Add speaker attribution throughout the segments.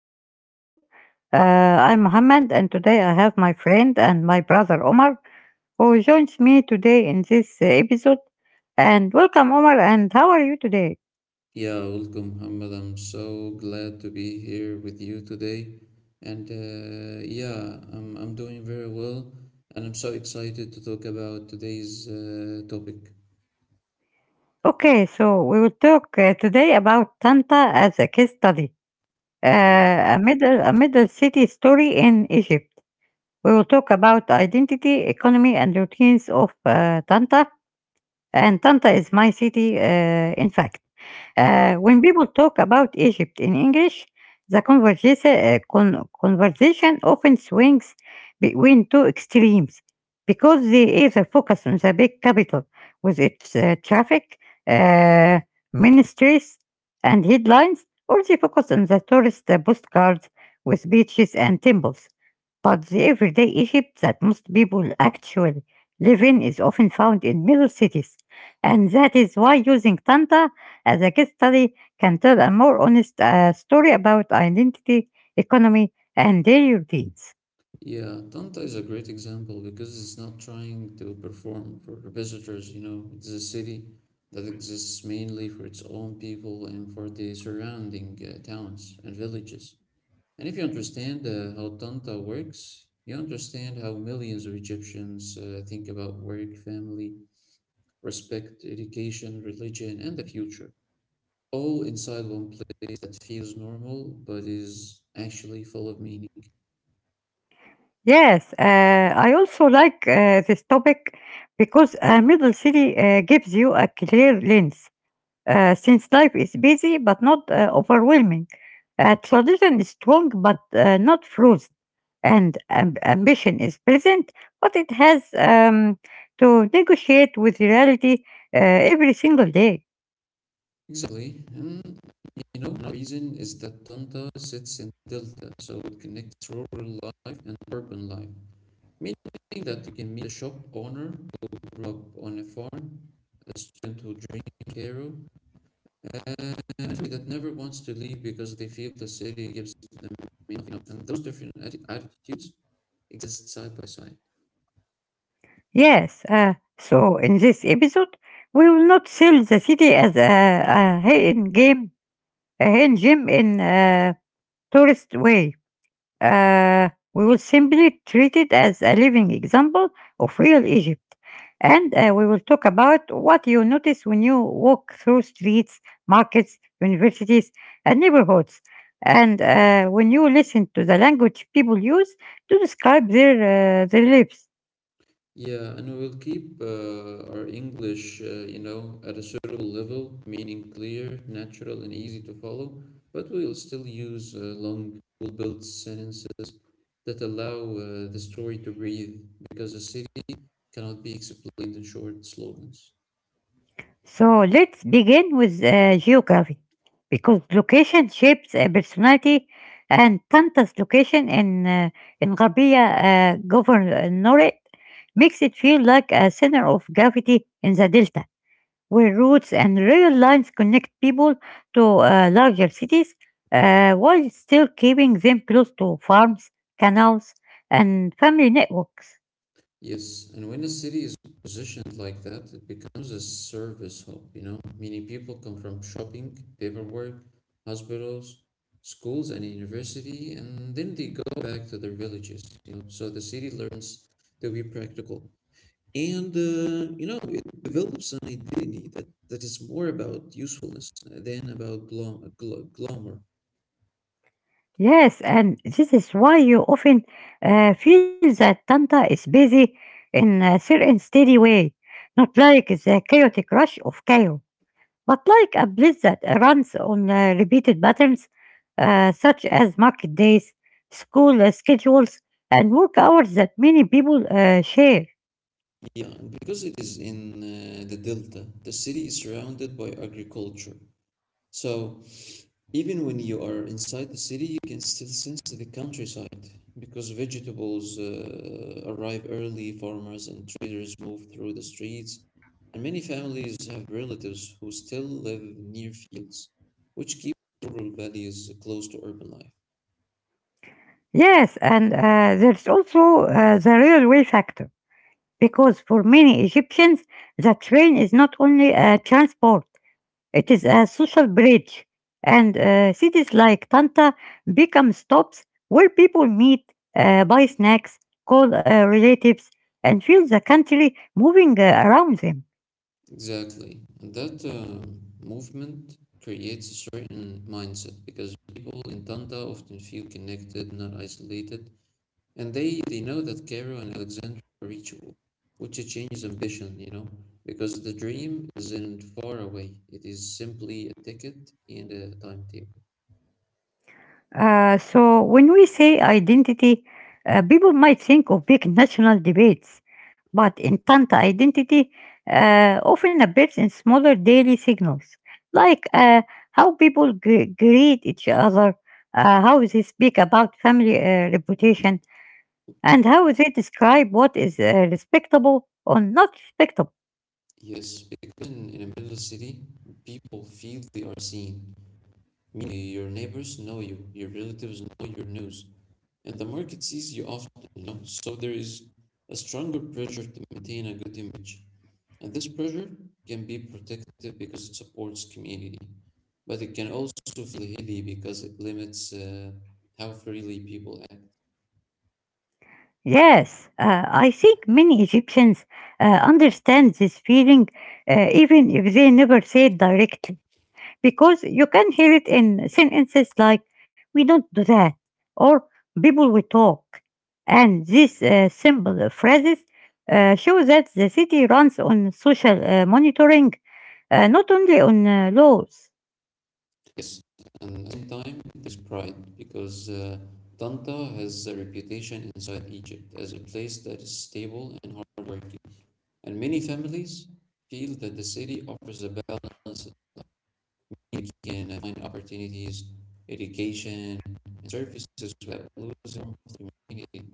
Speaker 1: new episode. I'm Mohammed, and today I have my friend and my brother Omar, who joins me today in this episode. And welcome, Omar, and how are you today?
Speaker 2: Yeah, welcome, Muhammad. I'm so glad to be here with you today. And I'm doing very well. And I'm so excited to talk about today's topic.
Speaker 1: Okay, so we will talk today about Tanta as a case study,
Speaker 2: Yeah.
Speaker 1: a middle city story in Egypt. We will talk about identity, economy, and routines of Tanta. And Tanta is my city, in fact. When people talk about Egypt in English, the conversation often swings between two extremes because they either focus on the big capital with its traffic, uh, ministries, and headlines, or they focus on the tourist postcards with beaches and temples. But the everyday Egypt that most people actually live in is often found in middle cities, and that is why using Tanta as a case study can tell a more honest story about identity, economy, and daily routines.
Speaker 2: Yeah, Tanta is a great example because it's not trying to perform for visitors, you know. It's a city that exists mainly for its own people and for the surrounding towns and villages. And if you understand how Tanta works, you understand how millions of Egyptians think about work, family, respect, education, religion, and the future, all inside one place that feels normal but is actually full of meaning.
Speaker 1: Yes, I also like this topic because a middle city gives you a clear lens. Since life is busy but not overwhelming, tradition is strong but not frozen, and ambition is present but it has to negotiate with reality uh, every single day.
Speaker 2: Exactly. And you know, the reason is that Tanta sits in Delta, so it connects rural life and urban life, meaning that you can meet a shop owner who grew up on a farm, a student who dreams of Cairo, an entity that never wants to leave because they feel the city gives them nothing up. And those different attitudes exist side by side.
Speaker 1: Yes, so in this episode, we will not sell the city as a hidden gem in a tourist way. We will simply treat it as a living example of real Egypt. And we will talk about what you notice when you walk through streets, markets, universities, and neighborhoods. And when you listen to the language people use to describe their lives.
Speaker 2: Yeah, and we will keep our English, you know, at a suitable level, meaning clear, natural, and easy to follow. But we will still use long, well-built sentences that allow the story to breathe, because a city cannot be explained in short slogans.
Speaker 1: So let's begin with geography because location shapes personality, and Tanta's location in Rabia Governorate makes it feel like a center of gravity in the delta where routes and rail lines connect people to larger cities while still keeping them close to farms, canals, and family networks.
Speaker 2: Yes, and when a city is positioned like that, it becomes a service hub, you know, meaning people come from shopping, paperwork, hospitals, schools, and university, and then they go back to their villages, you know. So the city learns to be practical. And it develops an identity that is more about usefulness than about glom gl glamour.
Speaker 1: Yes, and this is why you often feel that Tanta is busy in a certain steady way, not like the chaotic rush of Cairo, but like a bliss that runs on repeated patterns such as market days, school schedules, and work hours that many people share.
Speaker 2: Yeah, and because it is in the delta, the city is surrounded by agriculture. So even when you are inside the city, you can still sense the countryside because vegetables arrive early, farmers and traders move through the streets, and many families have relatives who still live near fields, which keep rural values close to urban life.
Speaker 1: Yes, and there's also the railway factor, because for many Egyptians, the train is not only transport. It is a social bridge, and cities like Tanta become stops where people meet, buy snacks, call relatives, and feel the country moving around them.
Speaker 2: Exactly. And that movement creates a certain mindset because people in Tanda often feel connected, not isolated. And they know that Cairo and Alexandria are reachable, which is changes ambition, you know, because the dream isn't far away. It is simply a ticket and a timetable.
Speaker 1: So when we say identity, people might think of big national debates, but in Tanta, identity often appears in smaller daily signals, like how people greet each other, how they speak about family reputation, and how they describe what is respectable or not respectable.
Speaker 2: Yes, because in a middle city, people feel they are seen. Meaning your neighbors know you, your relatives know your news, and the market sees you often, you know, so there is a stronger pressure to maintain a good image. And this pressure can be protective because it supports community, but it can also feel heavy because it limits how freely people act.
Speaker 1: Yes, I think many Egyptians understand this feeling, even if they never say it directly, because you can hear it in sentences like "we don't do that" or "people we talk," and these simple phrases show that the city runs on social monitoring, not only on laws.
Speaker 2: Yes, and at the same time, there's pride because Tanta has a reputation inside Egypt as a place that is stable and hardworking, and many families feel that the city offers a balance. They can find opportunities, education, and services without losing the community.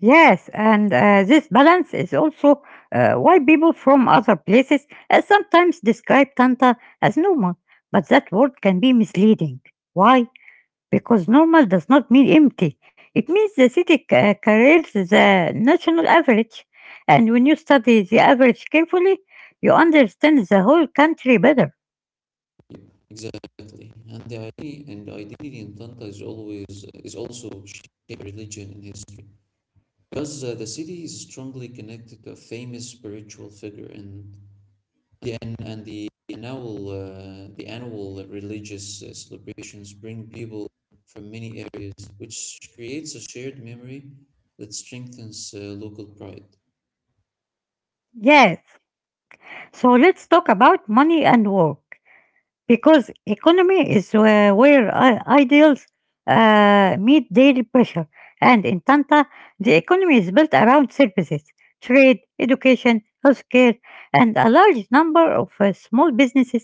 Speaker 1: Yes, and this balance is also why people from other places sometimes describe Tanta as normal, but that word can be misleading. Why? Because normal does not mean empty. It means the city carries the national average. And when you study the average carefully, you understand the whole country better.
Speaker 2: Yep. Exactly, and the identity in Tanta is also shaped by religion and history because the city is strongly connected to a famous spiritual figure and the annual religious celebrations bring people from many areas, which creates a shared memory that strengthens local pride.
Speaker 1: Yes. So let's talk about money and work, because economy is where ideals meet daily pressure. And in Tanta, the economy is built around services, trade, education, healthcare, and a large number of small businesses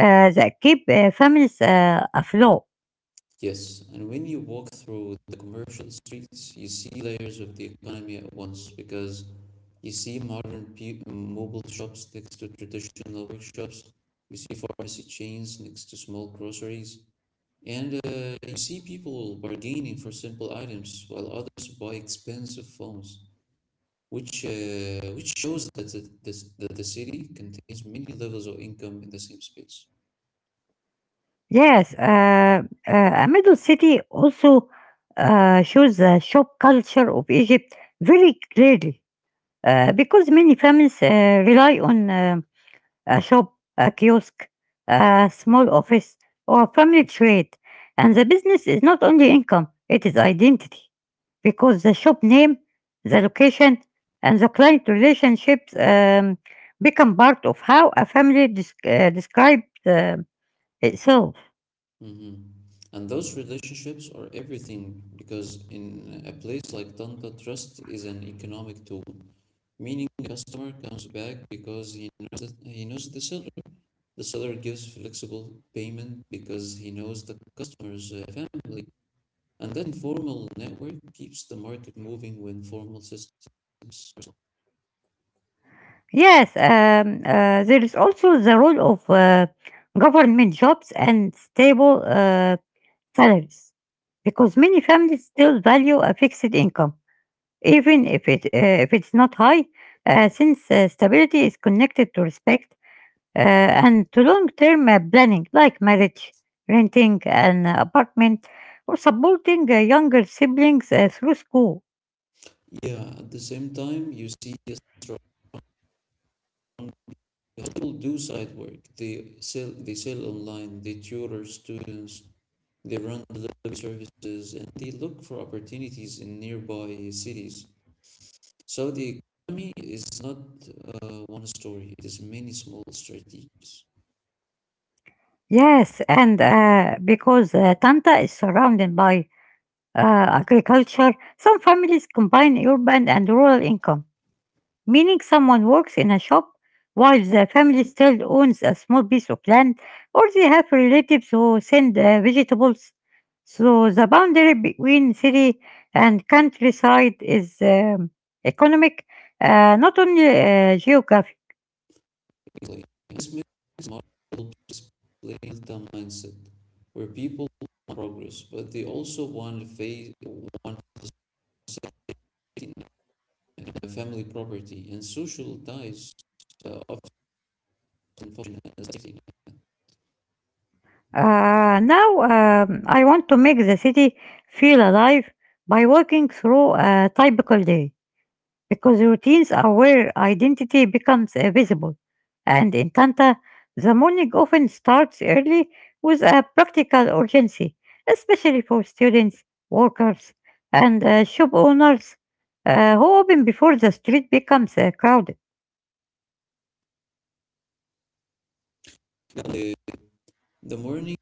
Speaker 1: that keep families afloat.
Speaker 2: Yes, and when you walk through the commercial streets, you see layers of the economy at once because you see modern mobile shops next to traditional workshops. You see pharmacy chains next to small groceries. And you see people bargaining for simple items while others buy expensive phones, which shows that, the, that the city contains many levels of income in the same space.
Speaker 1: Yes, a middle city also shows the shop culture of Egypt very clearly because many families rely on a shop, a kiosk, a small office, or a family trade. And the business is not only income, it is identity, because the shop name, the location, and the client relationships become part of how a family describes itself.
Speaker 2: Hmm. And those relationships are everything because in a place like Tanta, trust is an economic tool, meaning the customer comes back because he knows the seller. The seller gives flexible payment because he knows the customer's family, and that informal network keeps the market moving when formal systems are slow.
Speaker 1: Yes, there is also the role of government jobs and stable salaries because many families still value a fixed income even if it if it's not high, since stability is connected to respect and to long-term planning, like marriage, renting an apartment, or supporting younger siblings through school.
Speaker 2: Yeah, at the same time, you see a strong. People do side work. They sell online. They tutor students. They run delivery services, and they look for opportunities in nearby cities. So the economy is not one story, it is many small strategies.
Speaker 1: Yes, and because Tanta is surrounded by uh, agriculture, some families combine urban and rural income, meaning someone works in a shop while the family still owns a small piece of land or they have relatives who send vegetables. So the boundary between city and countryside is economic, not only geography.
Speaker 2: Exactly. This makes model helps the mindset where people want progress, but they also want faith, want safety, net, family property, and social ties often function as safety
Speaker 1: Now I want to make the city feel alive by walking through a typical day, because routines are where identity becomes visible. And in Tanta, the morning often starts early with a practical urgency, especially for students, workers, and shop owners who open before the street becomes crowded.
Speaker 2: net. The morning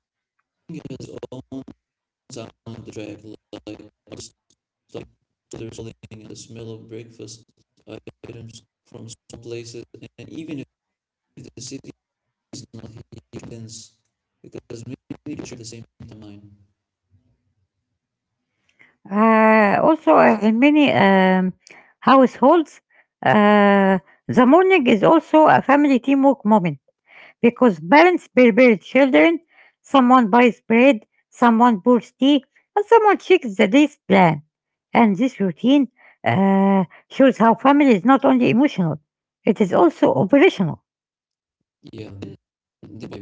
Speaker 2: has own soundtrack like others and the smell of breakfast items from some places, and even if the city is not heat dense, because many people share the same timeline.
Speaker 1: Also, in many households, uh, the morning is also a family teamwork moment, because parents prepares children, someone buys bread, someone pours tea, and someone checks the day's plan. And this routine shows how family is not only emotional, it is also operational.
Speaker 2: Yeah, then the- by,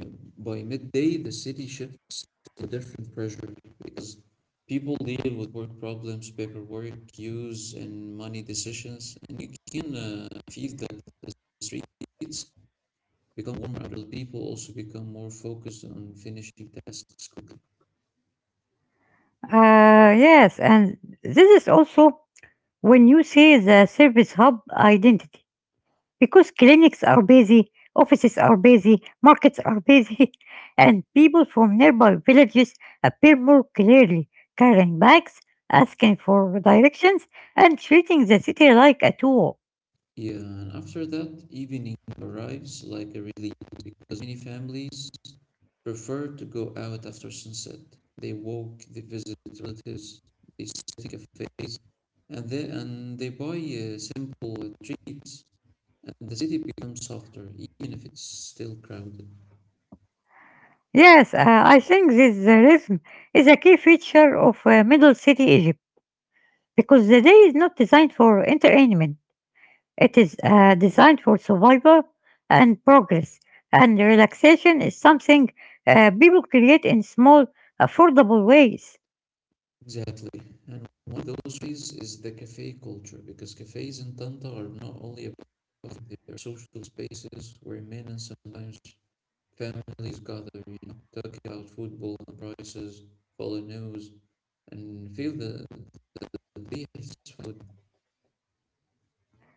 Speaker 2: by midday, the city shifts to a different pressure because people deal with work problems, paperwork, queues, and money decisions, and you can feel that the streets become warmer. People also become more focused on finishing tasks quickly.
Speaker 1: Yes, and this is also when you see the service hub identity, because clinics are busy, offices are busy, markets are busy, and people from nearby villages appear more clearly, carrying bags, asking for directions, and treating the city like a tool.
Speaker 2: Yeah, and after that, evening arrives like a relief because many families prefer to go out after sunset. They walk, they visit relatives, they sit in cafes, and they buy simple treats. And the city becomes softer, even if it's still crowded.
Speaker 1: Yes, I think this rhythm is a key feature of Middle City Egypt because the day is not designed for entertainment. It is designed for survival and progress, and relaxation is something people create in small, affordable ways.
Speaker 2: Exactly. And one of those ways is the cafe culture, because cafes in Tanta are not only about coffee, they are social spaces where men and sometimes families gather, you know, talk about football and prices, follow news, and feel the days.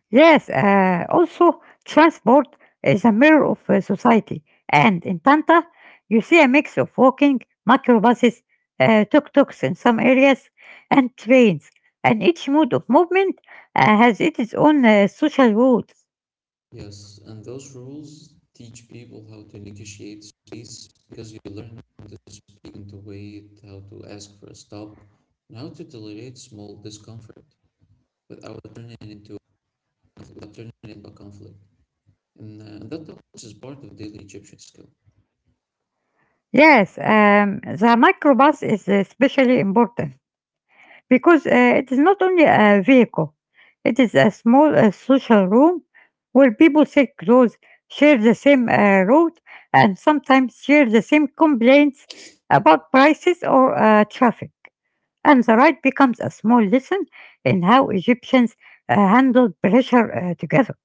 Speaker 1: Yes, also, transport is a mirror of society, and in Panta, you see a mix of walking, microbuses, tuk tuks in some areas, and trains, and each mode of movement has its own social rules.
Speaker 2: Yes, and those rules teach people how to negotiate space because you learn how to speak and to wait, how to ask for a stop, and how to tolerate small discomfort without turning it into without turning it into a conflict. And that knowledge is part of daily Egyptian skill.
Speaker 1: Yes, the microbus is especially important, because it is not only a vehicle, it is a small social room where people sit close, share the same route, and sometimes share the same complaints about prices or traffic. And the ride becomes a small lesson in how Egyptians handle pressure together.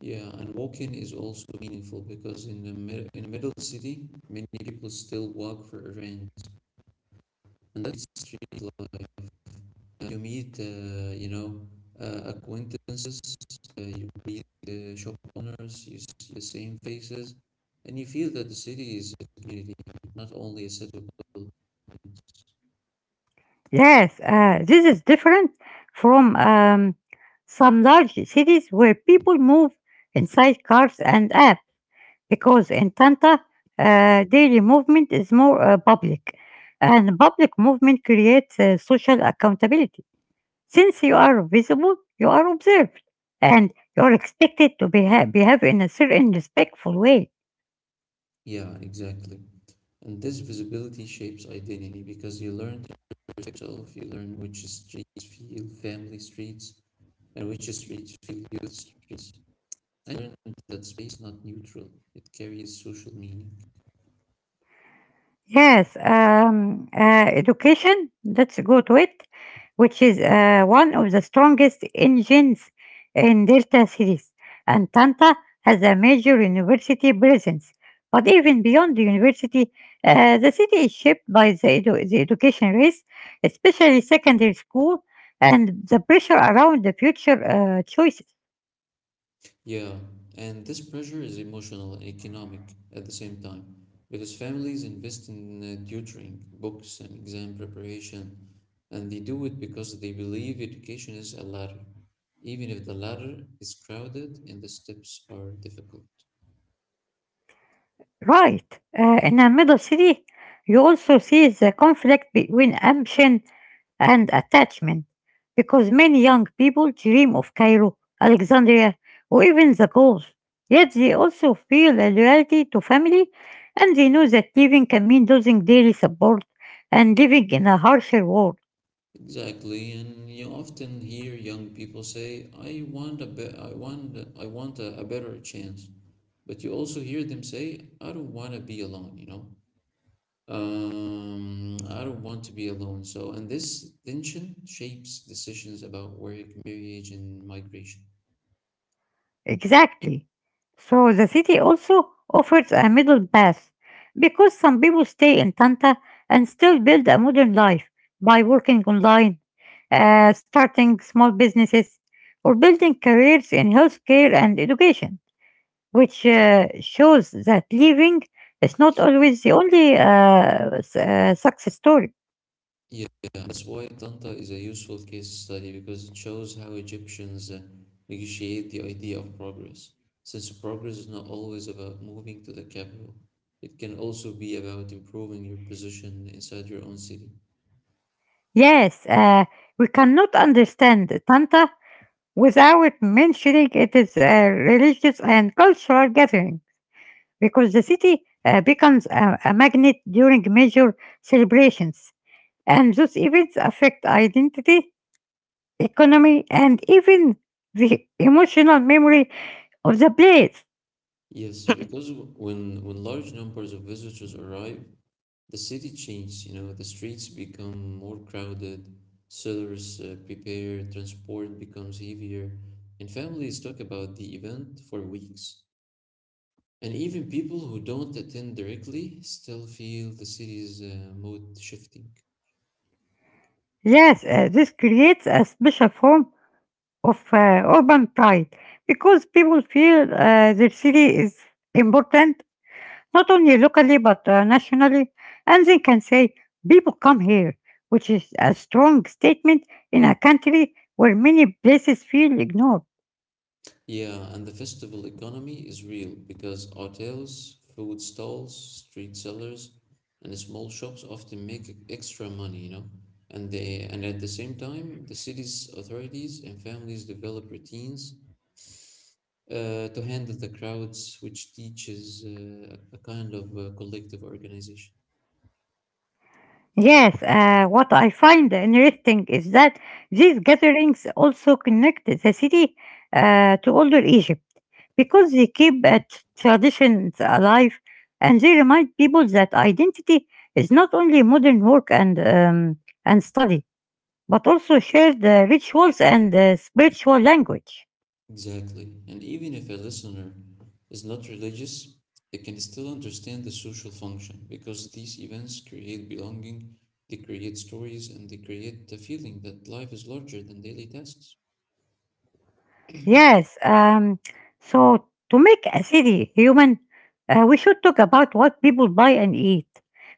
Speaker 2: Yeah, and walking is also meaningful because in the in a middle city, many people still walk for errands, and that's street life. You meet, acquaintances, you greet the shop owners, you see the same faces, and you feel that the city is a community, not only a set of buildings.
Speaker 1: Yes, this is different from some large cities where people move inside cars and apps, because in Tanta, daily movement is more public, and public movement creates social accountability. Since you are visible, you are observed, and you are expected to behave in a certain respectful way.
Speaker 2: Yeah, exactly. And this visibility shapes identity because you learn to respect yourself, you learn which streets feel family streets and which is streets filled with streets. I learned that space is not neutral, it carries social meaning.
Speaker 1: Yes, education, let's go to it, which is one of the strongest engines in Delta series. And Tanta has a major university presence. But even beyond the university, the city is shaped by the education race, especially secondary school, and the pressure around the future choices.
Speaker 2: Yeah, and this pressure is emotional and economic at the same time, because families invest in tutoring, books, and exam preparation, and they do it because they believe education is a ladder, even if the ladder is crowded and the steps are difficult.
Speaker 1: Right. In a middle city, you also see the conflict between ambition and attachment, because many young people dream of Cairo, Alexandria, or even the Gulf. Yet they also feel a loyalty to family, and they know that leaving can mean losing daily support and living in a harsher world.
Speaker 2: Exactly, and you often hear young people say, I want a better chance," but you also hear them say, "I don't want to be alone," you know? I don't want to be alone. So, and this tension shapes decisions about work, marriage, and migration.
Speaker 1: Exactly. So the city also offers a middle path because some people stay in Tanta and still build a modern life by working online, starting small businesses, or building careers in healthcare and education, which shows that living is not always the only success story.
Speaker 2: Yeah, that's why Tanta is a useful case study because it shows how Egyptians negotiate the idea of progress. Since progress is not always about moving to the capital, it can also be about improving your position inside your own city.
Speaker 1: Yes, we cannot understand Tanta without mentioning it is a religious and cultural gathering, because the city becomes a magnet during major celebrations, and those events affect identity, economy, and even the emotional memory of the place.
Speaker 2: Yes, because when large numbers of visitors arrive, the city changed, you know, the streets become more crowded, sellers prepare, transport becomes heavier, and families talk about the event for weeks. And even people who don't attend directly still feel the city's mood shifting.
Speaker 1: Yes, this creates a special form of urban pride because people feel their city is important, not only locally but nationally, and they can say, "people come here," which is a strong statement in a country where many places feel ignored.
Speaker 2: Yeah, and the festival economy is real because hotels, food stalls, street sellers, and small shops often make extra money, you know. And they and At the same time, the city's authorities and families develop routines to handle the crowds, which teaches a kind of collective organization.
Speaker 1: Yes, what I find interesting is that these gatherings also connect the city to older Egypt, because they keep traditions alive and they remind people that identity is not only modern work and study but also share the rituals and the spiritual language.
Speaker 2: Exactly. And even if a listener is not religious, they can still understand the social function because these events create belonging, they create stories, and they create the feeling that life is larger than daily tasks.
Speaker 1: Yes, so to make a city human, we should talk about what people buy and eat,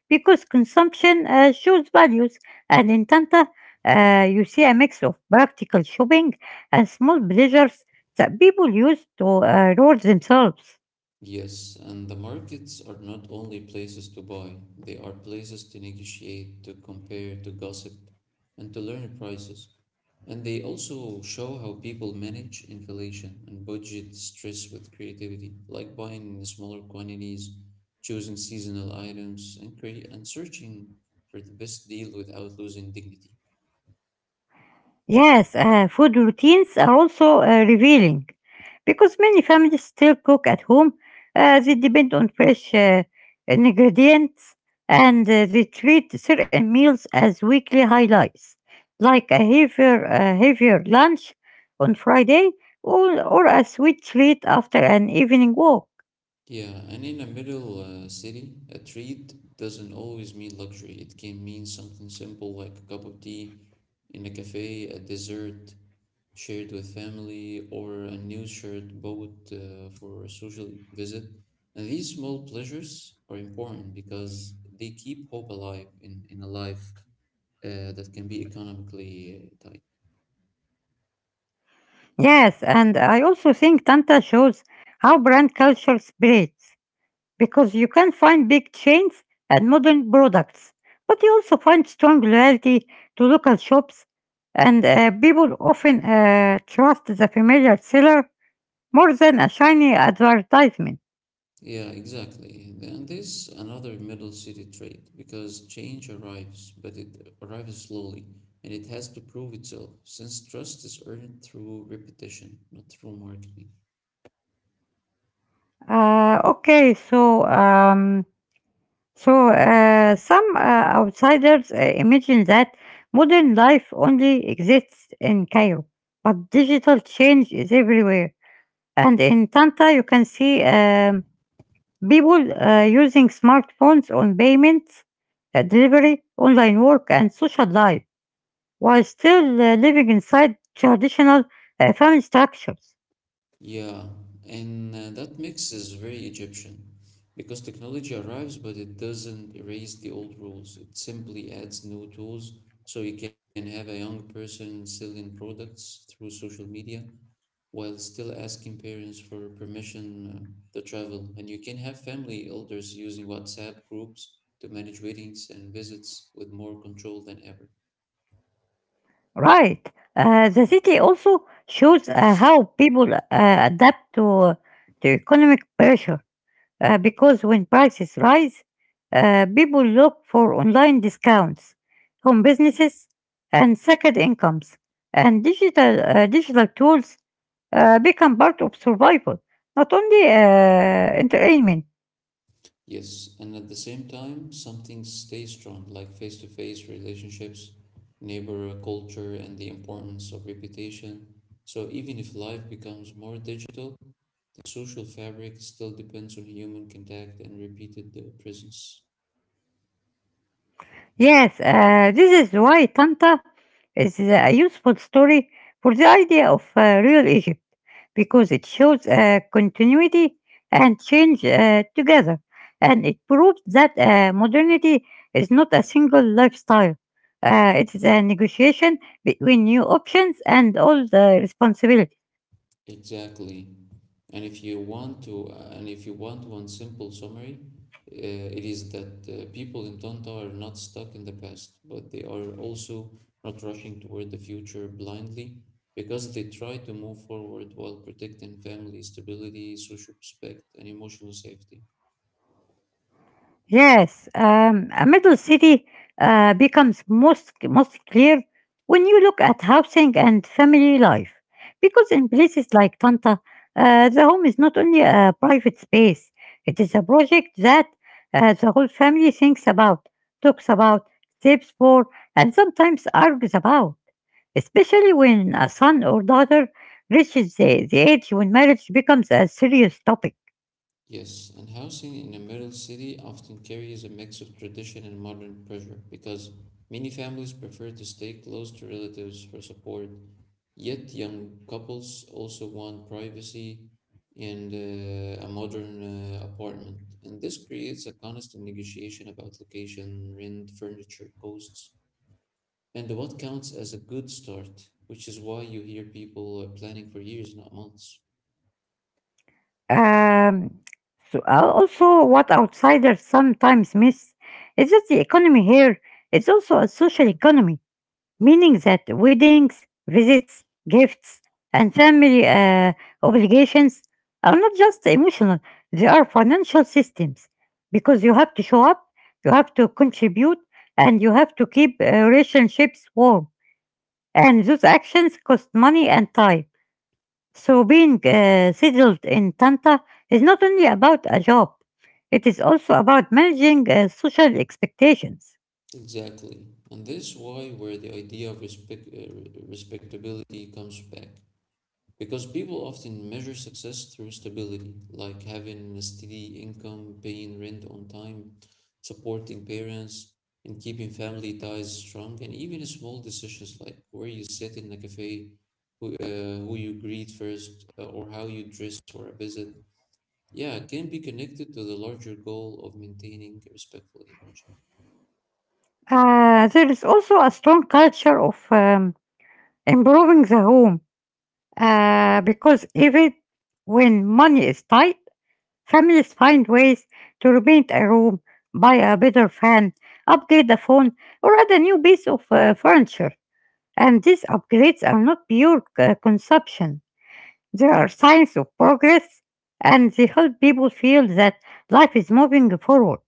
Speaker 1: because consumption shows values, and in Tanta, you see a mix of practical shopping and small pleasures that people use to reward themselves.
Speaker 2: Yes, and the markets are not only places to buy, they are places to negotiate, to compare, to gossip, and to learn prices. And they also show how people manage inflation and budget stress with creativity, like buying in smaller quantities, choosing seasonal items, and searching for the best deal without losing dignity.
Speaker 1: Yes, food routines are also revealing because many families still cook at home. They depend on fresh ingredients and they treat certain meals as weekly highlights, like a heavier lunch on Friday or a sweet treat after an evening walk.
Speaker 2: Yeah, and in a middle city, a treat doesn't always mean luxury. It can mean something simple like a cup of tea in a cafe, a dessert shared with family, or a new shirt bought for a social visit. And these small pleasures are important because they keep hope alive in a life that can be economically tight.
Speaker 1: Yes, and I also think Tanta shows how brand culture spreads because you can find big chains and modern products, but you also find strong loyalty to local shops, and people often trust the familiar seller more than a shiny advertisement.
Speaker 2: Yeah, exactly. And this another middle city trait because change arrives, but it arrives slowly and it has to prove itself since trust is earned through repetition, not through marketing.
Speaker 1: Okay, so some outsiders imagine that modern life only exists in Cairo, but digital change is everywhere. And in Tanta, you can see people using smartphones on payments, delivery, online work, and social life while still living inside traditional family structures.
Speaker 2: Yeah, and that mix is very Egyptian because technology arrives, but it doesn't erase the old rules. It simply adds new tools, so you can have a young person selling products through social media while still asking parents for permission to travel. And you can have family elders using WhatsApp groups to manage weddings and visits with more control than ever.
Speaker 1: Right. The city also shows how people adapt to, to economic pressure because when prices rise, people look for online discounts, home businesses, and second incomes. And digital tools become part of survival, not only entertainment.
Speaker 2: Yes, and at the same time, something stays strong, like face-to-face relationships, neighbor culture, and the importance of reputation. So even if life becomes more digital, the social fabric still depends on human contact and repeated presence.
Speaker 1: Yes, this is why Tanta is a useful story for the idea of real Egypt, because it shows continuity and change together, and it proves that modernity is not a single lifestyle. It is a negotiation between new options and old responsibilities.
Speaker 2: Exactly. And if you want to, and if you want one simple summary, it is that people in Tonto are not stuck in the past, but they are also not rushing toward the future blindly because they try to move forward while protecting family stability, social respect, and emotional safety.
Speaker 1: Yes, a middle city becomes most clear when you look at housing and family life, because in places like Tanta, the home is not only a private space; it is a project that the whole family thinks about, talks about, saves for, and sometimes argues about. Especially when a son or daughter reaches the age when marriage becomes a serious topic.
Speaker 2: Yes, and housing in a middle city often carries a mix of tradition and modern pressure because many families prefer to stay close to relatives for support. Yet, young couples also want privacy and a modern apartment, and this creates a constant negotiation about location, rent, furniture, costs, and what counts as a good start, which is why you hear people are planning for years, not months.
Speaker 1: Um, so also, what outsiders sometimes miss is that the economy here is also a social economy, meaning that weddings, visits, gifts, and family obligations are not just emotional, they are financial systems because you have to show up, you have to contribute, and you have to keep relationships warm. And those actions cost money and time. So being settled in Tanta is not only about a job, it is also about managing social expectations.
Speaker 2: Exactly. And this is why where the idea of respectability comes back. Because people often measure success through stability, like having a steady income, paying rent on time, supporting parents, and keeping family ties strong. And even small decisions like where you sit in a cafe, who you greet first, or how you dress for a visit, yeah, can be connected to the larger goal of maintaining a respectful image.
Speaker 1: There is also a strong culture of improving the home because even when money is tight, families find ways to repaint a room, buy a better fan, upgrade the phone, or add a new piece of furniture. And these upgrades are not pure consumption. There are signs of progress and they help people feel that life is moving forward.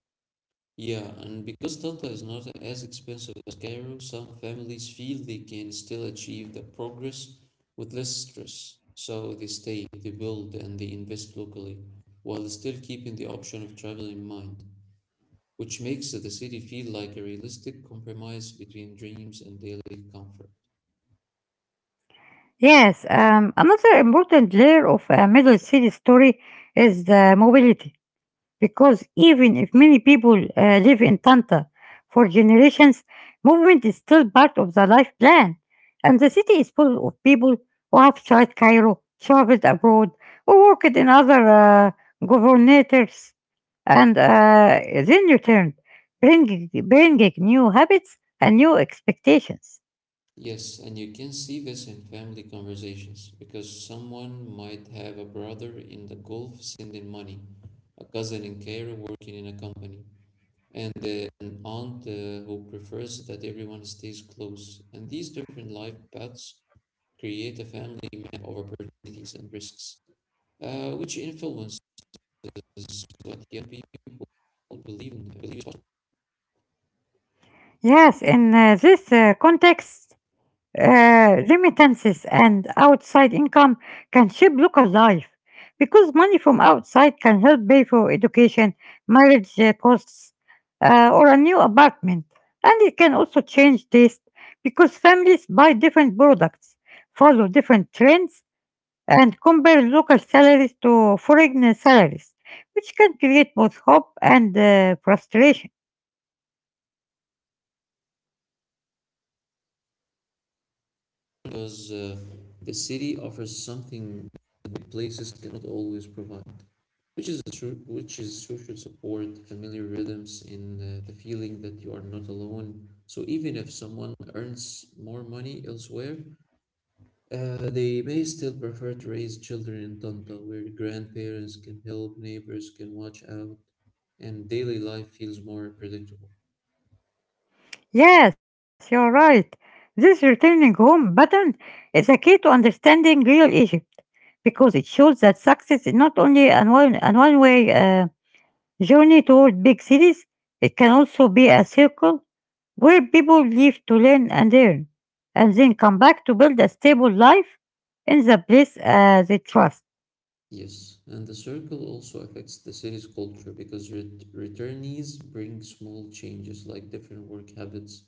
Speaker 2: Yeah, and because Tanta is not as expensive as Cairo, some families feel they can still achieve the progress with less stress. So they stay, they build, and they invest locally, while still keeping the option of travel in mind, which makes the city feel like a realistic compromise between dreams and daily comfort.
Speaker 1: Yes, another important layer of a middle city story is the mobility. Because even if many people live in Tanta for generations, movement is still part of the life plan. And the city is full of people who have tried Cairo, traveled abroad, or worked in other uh, governators, and then returned, bringing new habits and new expectations.
Speaker 2: Yes, and you can see this in family conversations because someone might have a brother in the Gulf sending money, a cousin in Cairo working in a company, and an aunt who prefers that everyone stays close. And these different life paths create a family map of opportunities and risks, which influences what young people believe in. Believe is
Speaker 1: Yes, in this context, remittances and outside income can shape local life because money from outside can help pay for education, marriage costs, or a new apartment. And it can also change taste because families buy different products, follow different trends, and compare local salaries to foreign salaries, which can create both hope and frustration.
Speaker 2: because the city offers something that big places cannot always provide. Which is true, which is social support, familiar rhythms, and the feeling that you are not alone. So even if someone earns more money elsewhere, they may still prefer to raise children in Tonto, where grandparents can help, neighbors can watch out, and daily life feels more predictable.
Speaker 1: Yes, you're right. This returning home pattern is a key to understanding real Egypt because it shows that success is not only an one way journey toward big cities, it can also be a circle where people live to learn and earn, and then come back to build a stable life in the place they trust.
Speaker 2: Yes, and the circle also affects the city's culture because returnees bring small changes like different work habits,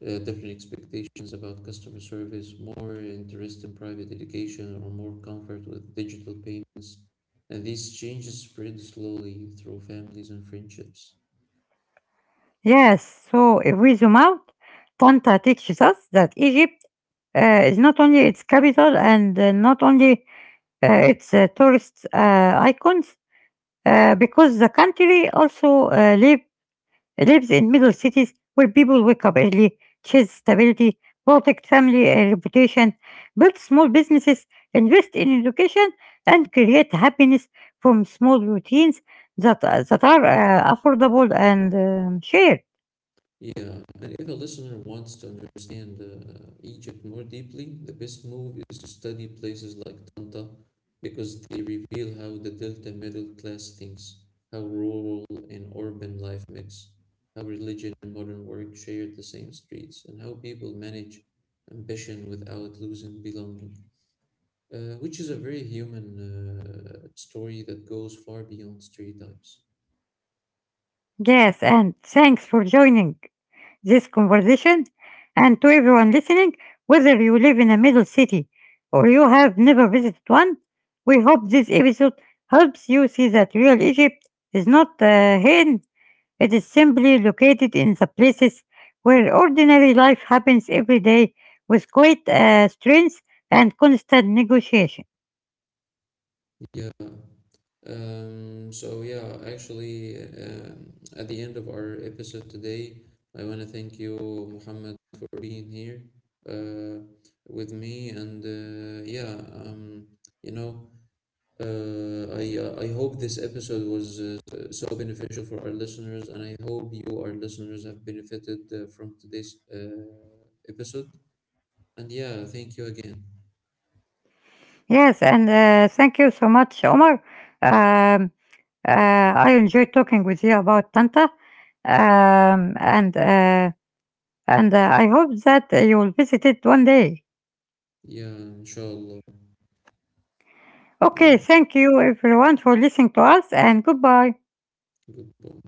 Speaker 2: different expectations about customer service, more interest in private education, or more comfort with digital payments. And these changes spread slowly through families and friendships.
Speaker 1: Yes, so if we zoom out, Tanta teaches us that Egypt it's not only its capital and not only its tourist icons, because the country also lives in middle cities where people wake up early, chase stability, protect family reputation, build small businesses, invest in education, and create happiness from small routines that, that are affordable and shared.
Speaker 2: Yeah, and if a listener wants to understand Egypt more deeply, the best move is to study places like Tanta because they reveal how the Delta middle class thinks, how rural and urban life mix, how religion and modern work share the same streets, and how people manage ambition without losing belonging, which is a very human story that goes far beyond stereotypes.
Speaker 1: Yes, and thanks for joining this conversation and to everyone listening, whether you live in a middle city or you have never visited one, we hope this episode helps you see that real Egypt is not hidden, it is simply located in the places where ordinary life happens every day with great strength and constant negotiation.
Speaker 2: Yeah. So actually, at the end of our episode today, I want to thank you, Muhammad, for being here uh, with me. And yeah, um, you know, I hope this episode was so beneficial for our listeners, and I hope you, our listeners, have benefited from today's episode. And yeah, thank you again.
Speaker 1: Yes, and thank you so much, Omar. Um, I enjoyed talking with you about Tanta. Um, and uh, and I hope that you will visit it one day.
Speaker 2: Yeah, inshallah. Yeah,
Speaker 1: Okay, thank you everyone for listening to us, and goodbye.
Speaker 2: goodbye.